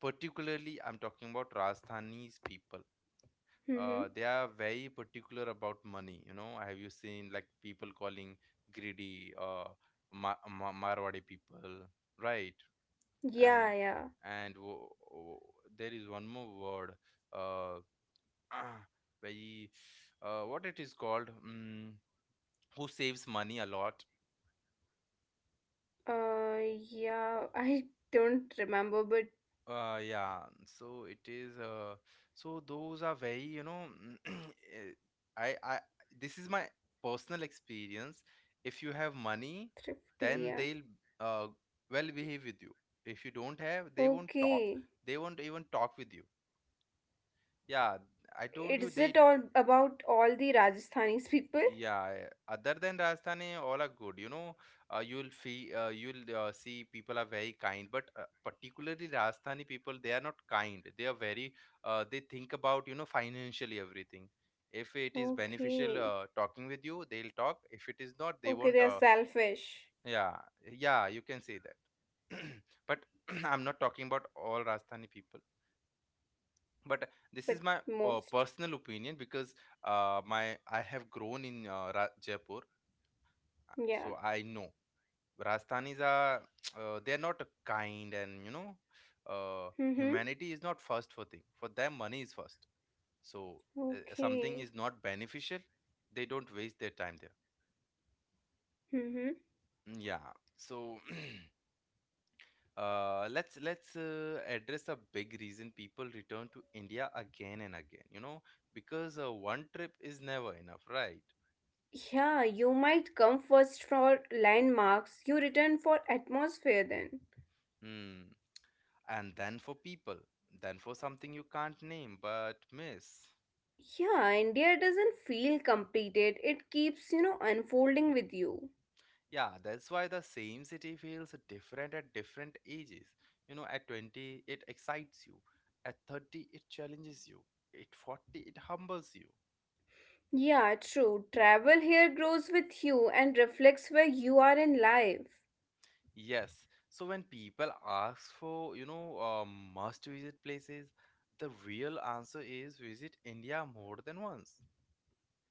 particularly I'm talking about Rajasthani's people. They Mm-hmm. are very particular about money. You know, have you seen like people calling greedy Marwadi people, right? And Yeah, yeah. and there is one more word, uh, very, what it is called? Who saves money a lot? Uh, yeah. I don't remember, but Yeah, so it is. So those are very, you know, eh, I, I, this is my personal experience. If you have money, thrifty, then yeah. they'll uh well behave with you. If you don't have, they won't talk. Okay. They won't even talk with you. Yeah, I told you Is they. it all about all the Rajasthanis people? Yeah, yeah. Other than Rajasthani, all are good. You know, you'll feel, you'll see, people are very kind, but particularly Rajasthani people, they are not kind. They are very, they think about, you know, financially everything. If it is beneficial Okay. Talking with you, they'll talk. If it is not, they Okay, won't. they are selfish, Yeah, yeah, you can say that. But I'm not talking about all Rajasthani people. But this is but my most. personal opinion, because my I have grown in Ra Jaipur, Yeah. so I know Rajasthanis are they're not kind, and you know, Mm-hmm. humanity is not first for thing, for them money is first. So Okay. something is not beneficial, they don't waste their time there. Mm-hmm. Mm, yeah. So let's address a big reason people return to India again and again, you know, because one trip is never enough, right? Yeah, you might come first for landmarks, you return for atmosphere then. Hmm. And then for people, then for something you can't name but miss. Yeah, India doesn't feel completed. It keeps, you know, unfolding with you. Yeah, that's why the same city feels different at different ages. You know, at 20, it excites you. At 30, it challenges you. At 40, it humbles you. Yeah, true. Travel here grows with you and reflects where you are in life. Yes. So when people ask for, you know, must visit places, the real answer is visit India more than once.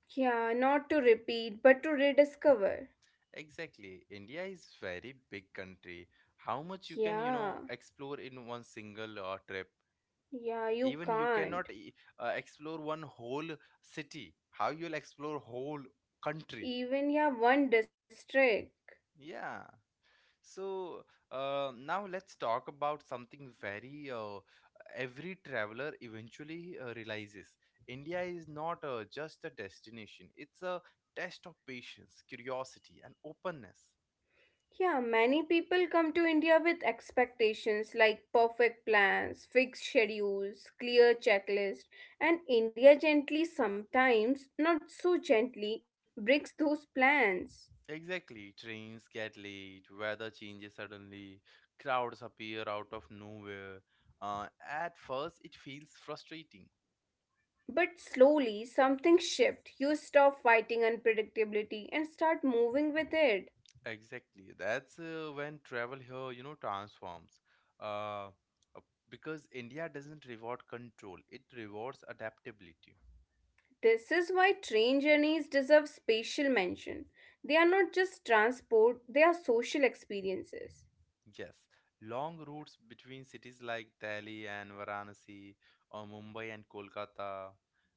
Yeah, not to repeat, but to rediscover. Exactly. India is very big country. How much you can, you Yeah, know, explore in one single trip? yeah, you Even you can't. cannot explore one whole city, how you'll explore whole country? Even, yeah, one district. Yeah, so now let's talk about something very, every traveler eventually realizes India is not just a destination, it's a test of patience, curiosity, and openness. Yeah, many people come to India with expectations like perfect plans, fixed schedules, clear checklist, and India gently sometimes, not so gently, breaks those plans. Exactly. Trains get late, weather changes suddenly, crowds appear out of nowhere. At first, it feels frustrating. But slowly something shifts. You stop fighting unpredictability and start moving with it. Exactly. That's when travel here, you know, transforms. Uh, uh, because India doesn't reward control, it rewards adaptability. This is why train journeys deserve special mention. They are not just transport, they are social experiences. Yes, long routes between cities like Delhi and Varanasi, or Mumbai and Kolkata,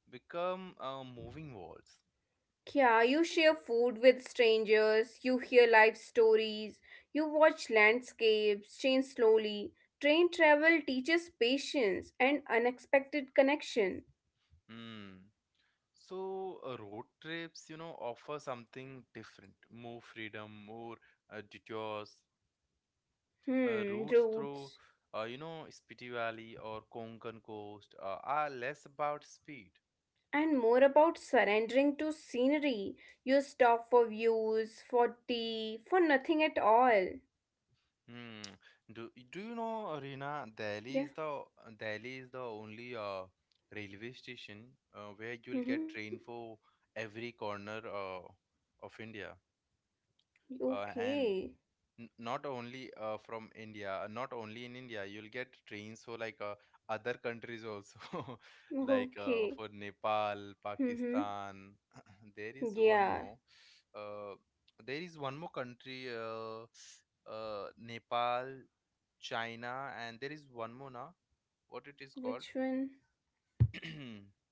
become moving walls. Yeah, you share food with strangers, you hear life stories, you watch landscapes change slowly. Train travel teaches patience and unexpected connection. Hmm. So road trips, you know, offer something different, more freedom, more detours, Hmm, routes through, routes. You know, Spiti Valley or Konkan coast, are less about speed. And more about surrendering to scenery. You stop for views, for tea, for nothing at all. Hmm. Do you know, Rina, Yeah. Delhi is the only railway station where you'll Mm-hmm. get train for every corner of India. And Okay. N- not only from India, not only in India, you'll get trains for like other countries also, like Okay. for Nepal, Mm-hmm. Pakistan. There is one Yeah. more. Uh, there is one more country, Nepal, China, and there is one more now. What it is called? Which one?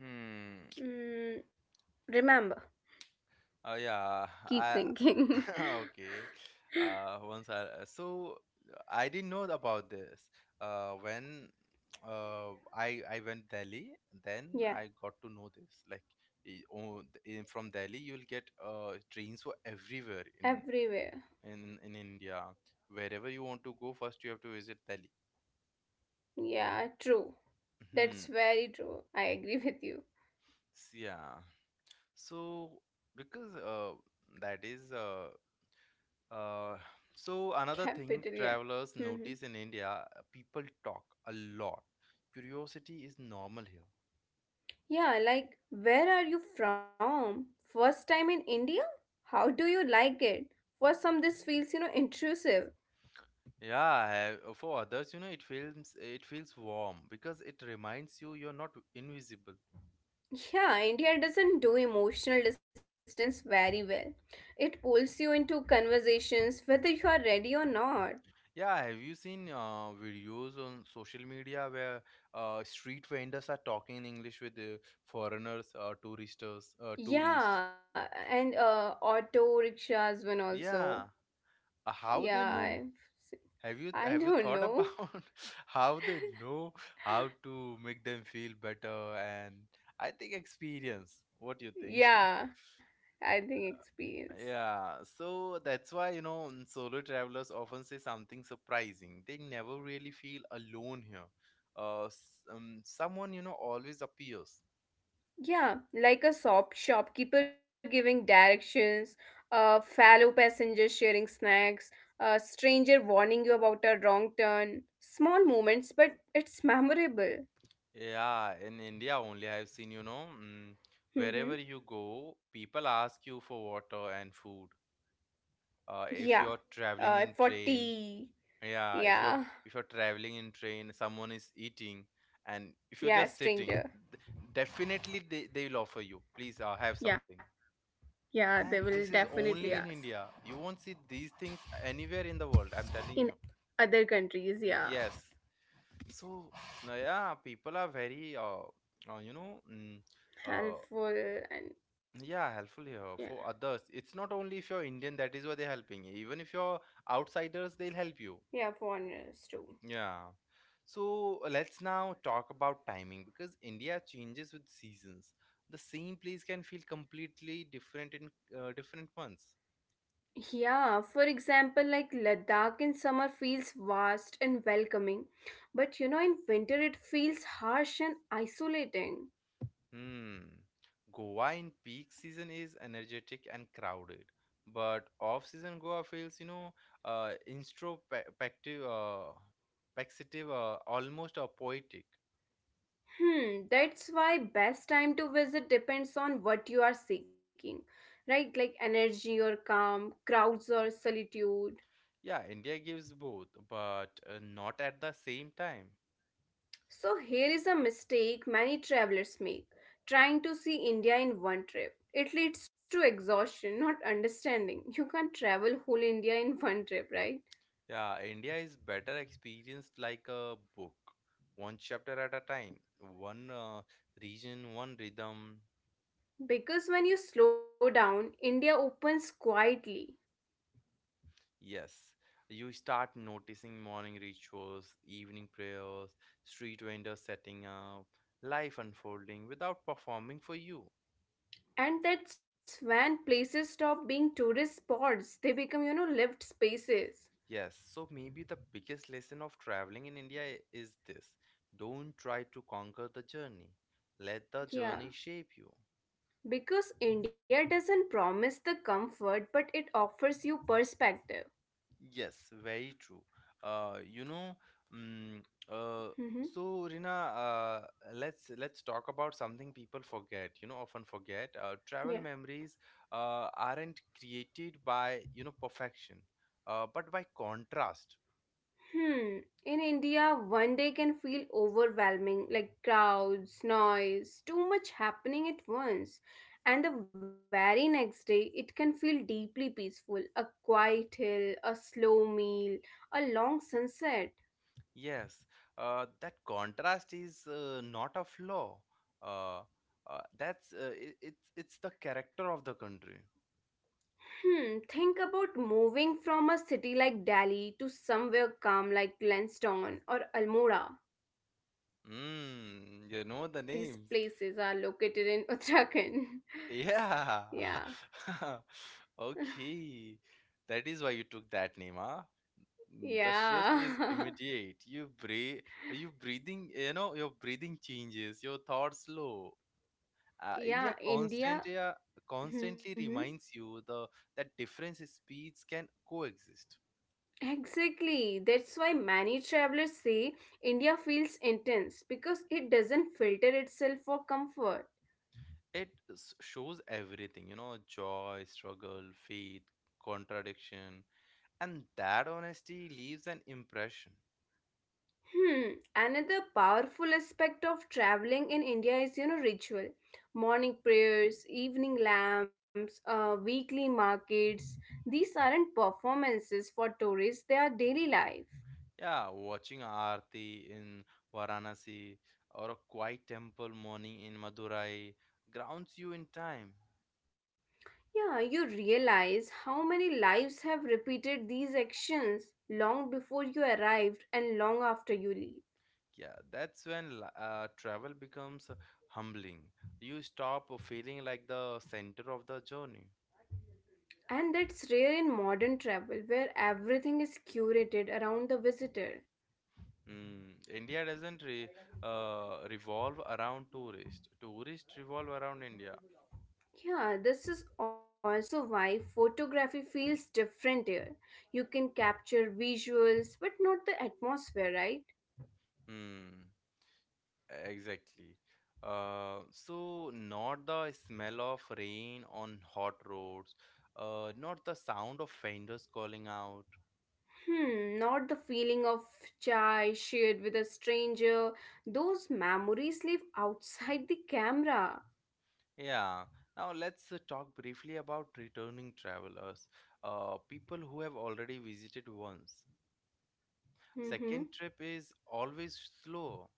Hmm. Mm, remember. Oh yeah, Keep I thinking. okay. Once I, so I didn't know about this. When I went Delhi, then Yeah. I got to know this. Like i- oh, in, from Delhi, you'll get trains for everywhere in Everywhere. in in India. Wherever you want to go, first you have to visit Delhi. Yeah. True. That's Hmm. very true. I agree with you. Yeah. So, because that is Uh, so another thing Capital. Yeah. travelers Mm-hmm. notice in India, people talk a lot. Curiosity is normal here. Yeah. Like, where are you from? First time in India? How do you like it? For some, this feels, you know, intrusive. Yeah, for others, you know, it feels warm, because it reminds you you're not invisible. Yeah, India doesn't do emotional distance very well. It pulls you into conversations whether you are ready or not. Yeah, have you seen videos on social media where street vendors are talking in English with the foreigners, tourists? Yeah, and auto rickshaws one also. Yeah, how Yeah, they know? I've, se- Have you I have you don't thought know. about how they know how to make them feel better? And I think experience. What do you think? Yeah, I think experience. Yeah, so that's why, you know, solo travelers often say something surprising. They never really feel alone here. Someone, you know, always appears. Yeah, like a shopkeeper giving directions, a fellow passenger sharing snacks, a stranger warning you about a wrong turn. Small moments, but it's memorable. Yeah, in India only, I've seen, you know, wherever Mm-hmm. you go, people ask you for water and food. If Yeah. you're traveling in For train, tea. yeah, Yeah. if you're traveling in train, someone is eating, and if you're Yeah, just sitting, stranger. th- definitely they will offer you, please have something. Yeah. Yeah, And they will this is definitely only in ask. India. You won't see these things anywhere in the world. I'm telling In you. other countries, yeah. Yes. So no, yeah, people are very uh you know mm, uh Helpful and yeah, helpful here yeah. for others. It's not only if you're Indian that is why they're helping. Even if you're outsiders, they'll help you. Yeah, foreigners too. Yeah. So let's now talk about timing because India changes with seasons. The same place can feel completely different in different months. Yeah, for example, like Ladakh in summer feels vast and welcoming, but you know, in winter it feels harsh and isolating. Hmm. Goa in peak season is energetic and crowded, but off-season Goa feels, you know, introspective, perspective, almost poetic. Hmm, that's why best time to visit depends on what you are seeking, right? Like energy or calm, crowds or solitude. Yeah, India gives both, but not at the same time. So here is a mistake many travelers make, trying to see India in one trip. It leads to exhaustion, not understanding. You can't travel whole India in one trip, right? Yeah, India is better experienced like a book, one chapter at a time, one region, one rhythm. Because when you slow down, India opens quietly. Yes, you start noticing morning rituals, evening prayers, street vendors setting up, life unfolding without performing for you. And that's when places stop being tourist spots. They become, you know, lived spaces. Yes, so maybe the biggest lesson of traveling in India is this: don't try to conquer the journey, let the journey Yeah. shape you. Because India doesn't promise the comfort, but it offers you perspective. Yes, very true. You know, mm, uh, Hmm. so Rina, let's talk about something people forget. You know, often forget. Travel Yeah. memories aren't created by you know perfection, but by contrast. Hmm. In India, one day can feel overwhelming, like crowds, noise, too much happening at once. And the very next day, it can feel deeply peaceful. A quiet hill, a slow meal, a long sunset. Yes, that contrast is not a flaw. Uh, that's it's the character of the country. Hmm. Think about moving from a city like Delhi to somewhere calm like Lansdowne or Almora. Mm, you know the These names. places are located in Uttarakhand. Yeah. Yeah. Okay. That is why you took that name, huh? Mm, the shift is Yeah. immediate. You breathe, you know, your breathing changes, your thoughts slow. Uh, Yeah, India India. constantly, uh, Hmm. constantly reminds you the that difference in speeds can coexist. Exactly. That's why many travelers say India feels intense because it doesn't filter itself for comfort. Shows everything, you know, joy, struggle, faith, contradiction, and that honesty leaves an impression. Hmm. Another powerful aspect of traveling in India is, you know, ritual. Morning prayers, evening lamps, weekly markets. These aren't performances for tourists, they are daily life. Yeah, watching Aarti in Varanasi or a quiet temple morning in Madurai grounds you in time. Yeah, you realize how many lives have repeated these actions long before you arrived and long after you leave. Yeah, that's when travel becomes humbling. You stop feeling like the center of the journey. And that's rare in modern travel where everything is curated around the visitor. Mm, India doesn't re, revolve around tourists. Tourists revolve around India. Yeah, this is also why photography feels different here. You can capture visuals, but not the atmosphere, right? Hmm. Exactly. So not the smell of rain on hot roads, not the sound of vendors calling out. Hmm, not the feeling of chai shared with a stranger. Those memories live outside the camera. Yeah. Now let's talk briefly about returning travelers, people who have already visited once. Mm-hmm. Second trip is always slow.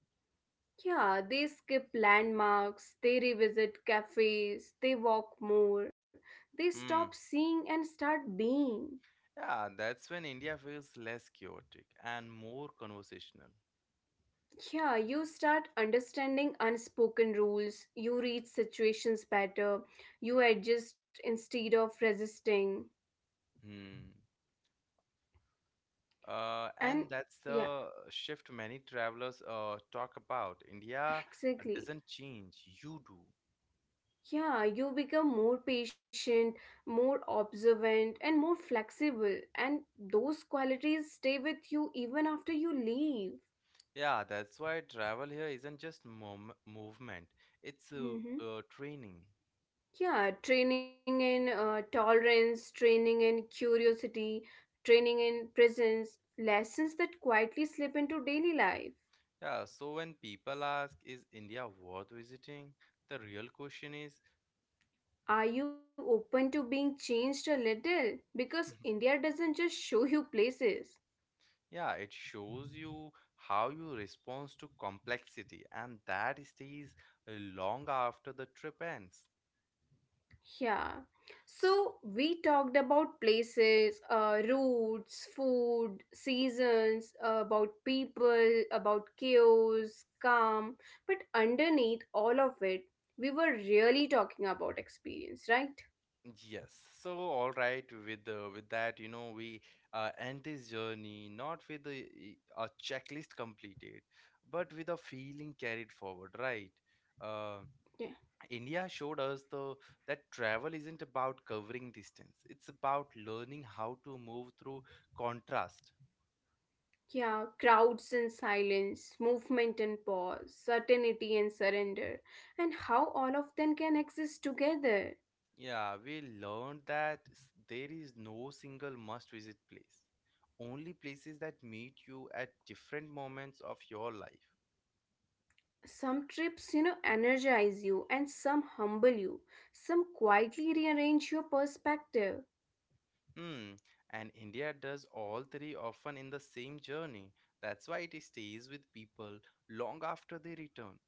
Yeah, they skip landmarks, they revisit cafes, they walk more, they stop Hmm. seeing and start being. Yeah, that's when India feels less chaotic and more conversational. Yeah, you start understanding unspoken rules, you read situations better, you adjust instead of resisting. Hmm. And And that's yeah, the shift many travelers talk about. India exactly. doesn't change, you do. Yeah, you become more patient, more observant, and more flexible, and those qualities stay with you even after you leave. Yeah, that's why travel here isn't just mom movement, it's Mm-hmm. Training. Yeah, training in tolerance, training in curiosity, training in presence, lessons that quietly slip into daily life. Yeah, so when people ask, is India worth visiting? The real question is, Are you open to being changed a little? Because India doesn't just show you places. yeah, it shows you how you respond to complexity, and that stays long after the trip ends. Yeah. So we talked about places, routes, food, seasons, about people, about chaos, calm. But underneath all of it, we were really talking about experience, right? Yes. So, all right, with that, you know, we end this journey not with a checklist completed, but with a feeling carried forward, right? Uh, Yeah. India showed us the that travel isn't about covering distance. It's about learning how to move through contrast. Yeah, crowds and silence, movement and pause, certainty and surrender, and how all of them can exist together. Yeah, we learned that there is no single must visit place. Only places that meet you at different moments of your life. Some trips, you know, energize you and some humble you. Some quietly rearrange your perspective. Hmm, and India does all three often in the same journey. That's why it stays with people long after they return.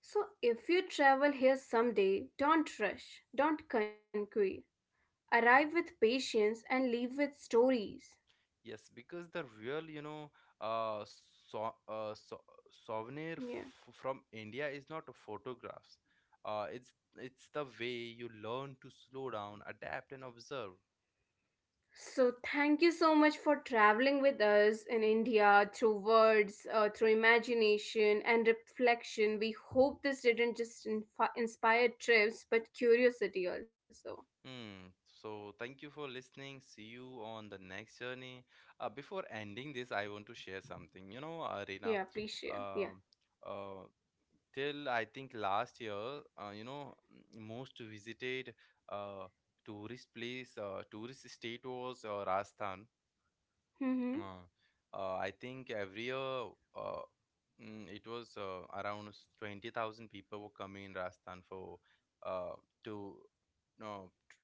So, if you travel here someday, don't rush, don't concrete. Arrive with patience and leave with stories. Yes, because the real, you know, uh, so, Yeah. From India is not photographs. It's the way you learn to slow down, adapt, and observe. So, thank you so much for traveling with us in India through words, through imagination and reflection. We hope this didn't just inspire trips but curiosity also. Hmm. So thank you for listening. See you on the next journey. Before ending this, I want to share something. You know, Arena, Yeah, please share. um, Yeah. uh, till I think last year, you know, most visited uh, tourist place, tourist state was Rajasthan. Hmm. Uh, I think every year uh, it was around 20,000 people were coming in Rajasthan for uh, to no t-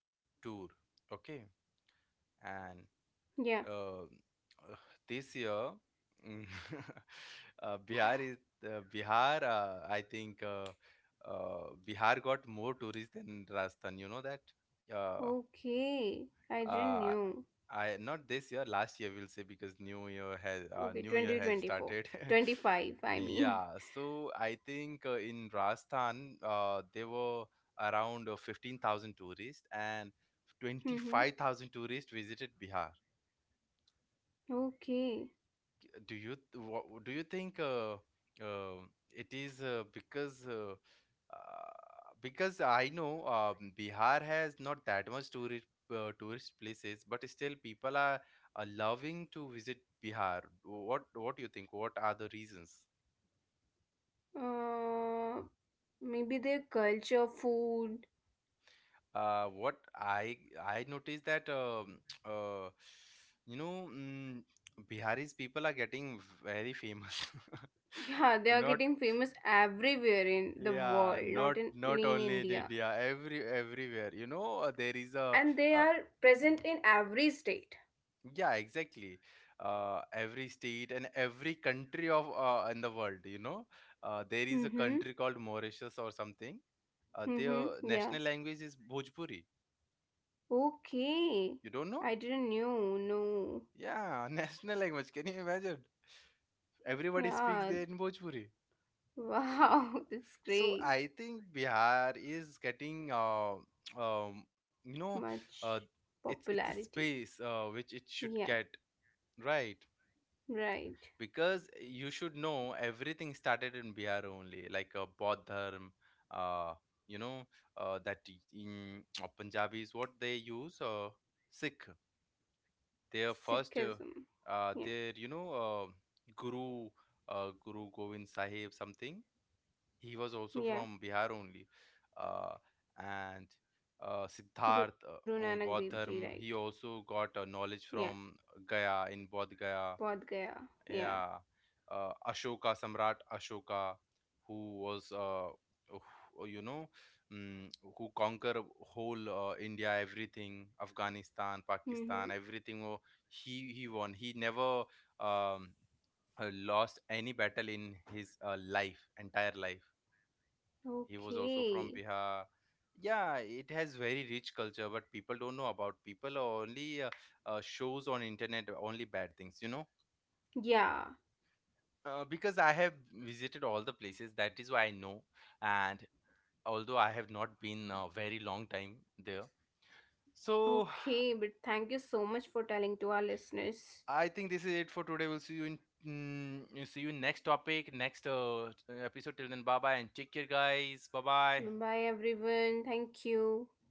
tour. Okay. And Yeah. uh, this year, mm, uh, Bihar is Bihar. I think Bihar got more tourists than Rajasthan. You know that? Uh, Okay. I didn't uh know. I, not this year, last year we'll say because Okay, new year has 2024. started. 25, I mean. Yeah, so I think in Rajasthan there were around 15,000 tourists and Mm-hmm. 25,000 tourists visited Bihar. Okay. Do you what do you think uh, it is uh, because I know Bihar has not that much tourist tourist places, but still people are loving to visit Bihar. What do you think? What are the reasons? Uh, maybe their culture, food. What I noticed that uh, you know Biharis, people are getting very famous. Yeah, they are Not getting famous everywhere in the yeah, world, not not in, only in only in India. India, everywhere. You know, there is a And they uh, are present in every state. yeah, exactly. Every state and every country of in the world, you know, there is a Mm-hmm. country called Mauritius or something. Their Mm-hmm. national Yeah. language is Bhojpuri. Okay. You don't know? I didn't know. No. Yeah, national language. Can you imagine? Everybody speaks there Yeah. in Bhojpuri. Wow, that's So great. I think Bihar is getting, um, you know, uh, Much it's a popularity. space which it should Yeah, get right right. because you should know everything started in Bihar only, like Bodh Dharm, uh, you know, that in Punjabis, what they use, Sikh, their first, Sikhism. Yeah, their you know, Guru, Guru Govind Sahib something, he was also from yeah. Bihar only. Uh, and Siddharth Guru Nanak Dev Bodh Ji, Dharm, right. he also got knowledge Yeah, from Gaya in Bodh Gaya. Bodh Gaya. Yeah. Yeah. Ashoka, Samrat Ashoka, who was, you know, um, who conquer whole India, everything, Afghanistan, Mm-hmm. Pakistan, everything. Oh, he won. He never um, lost any battle in his life, entire life. He was also from Okay. Bihar. Yeah, it has very rich culture, but people don't know about. People only shows on internet only bad things, you know. Yeah. Because I have visited all the places, that is why I know. And although I have not been a very long time there. So Okay, but thank you so much for telling to our listeners. I think this is it for today. We'll see you in see you in next topic, next episode. Till then, bye bye and take care, guys. Bye bye Bye, everyone. Thank you.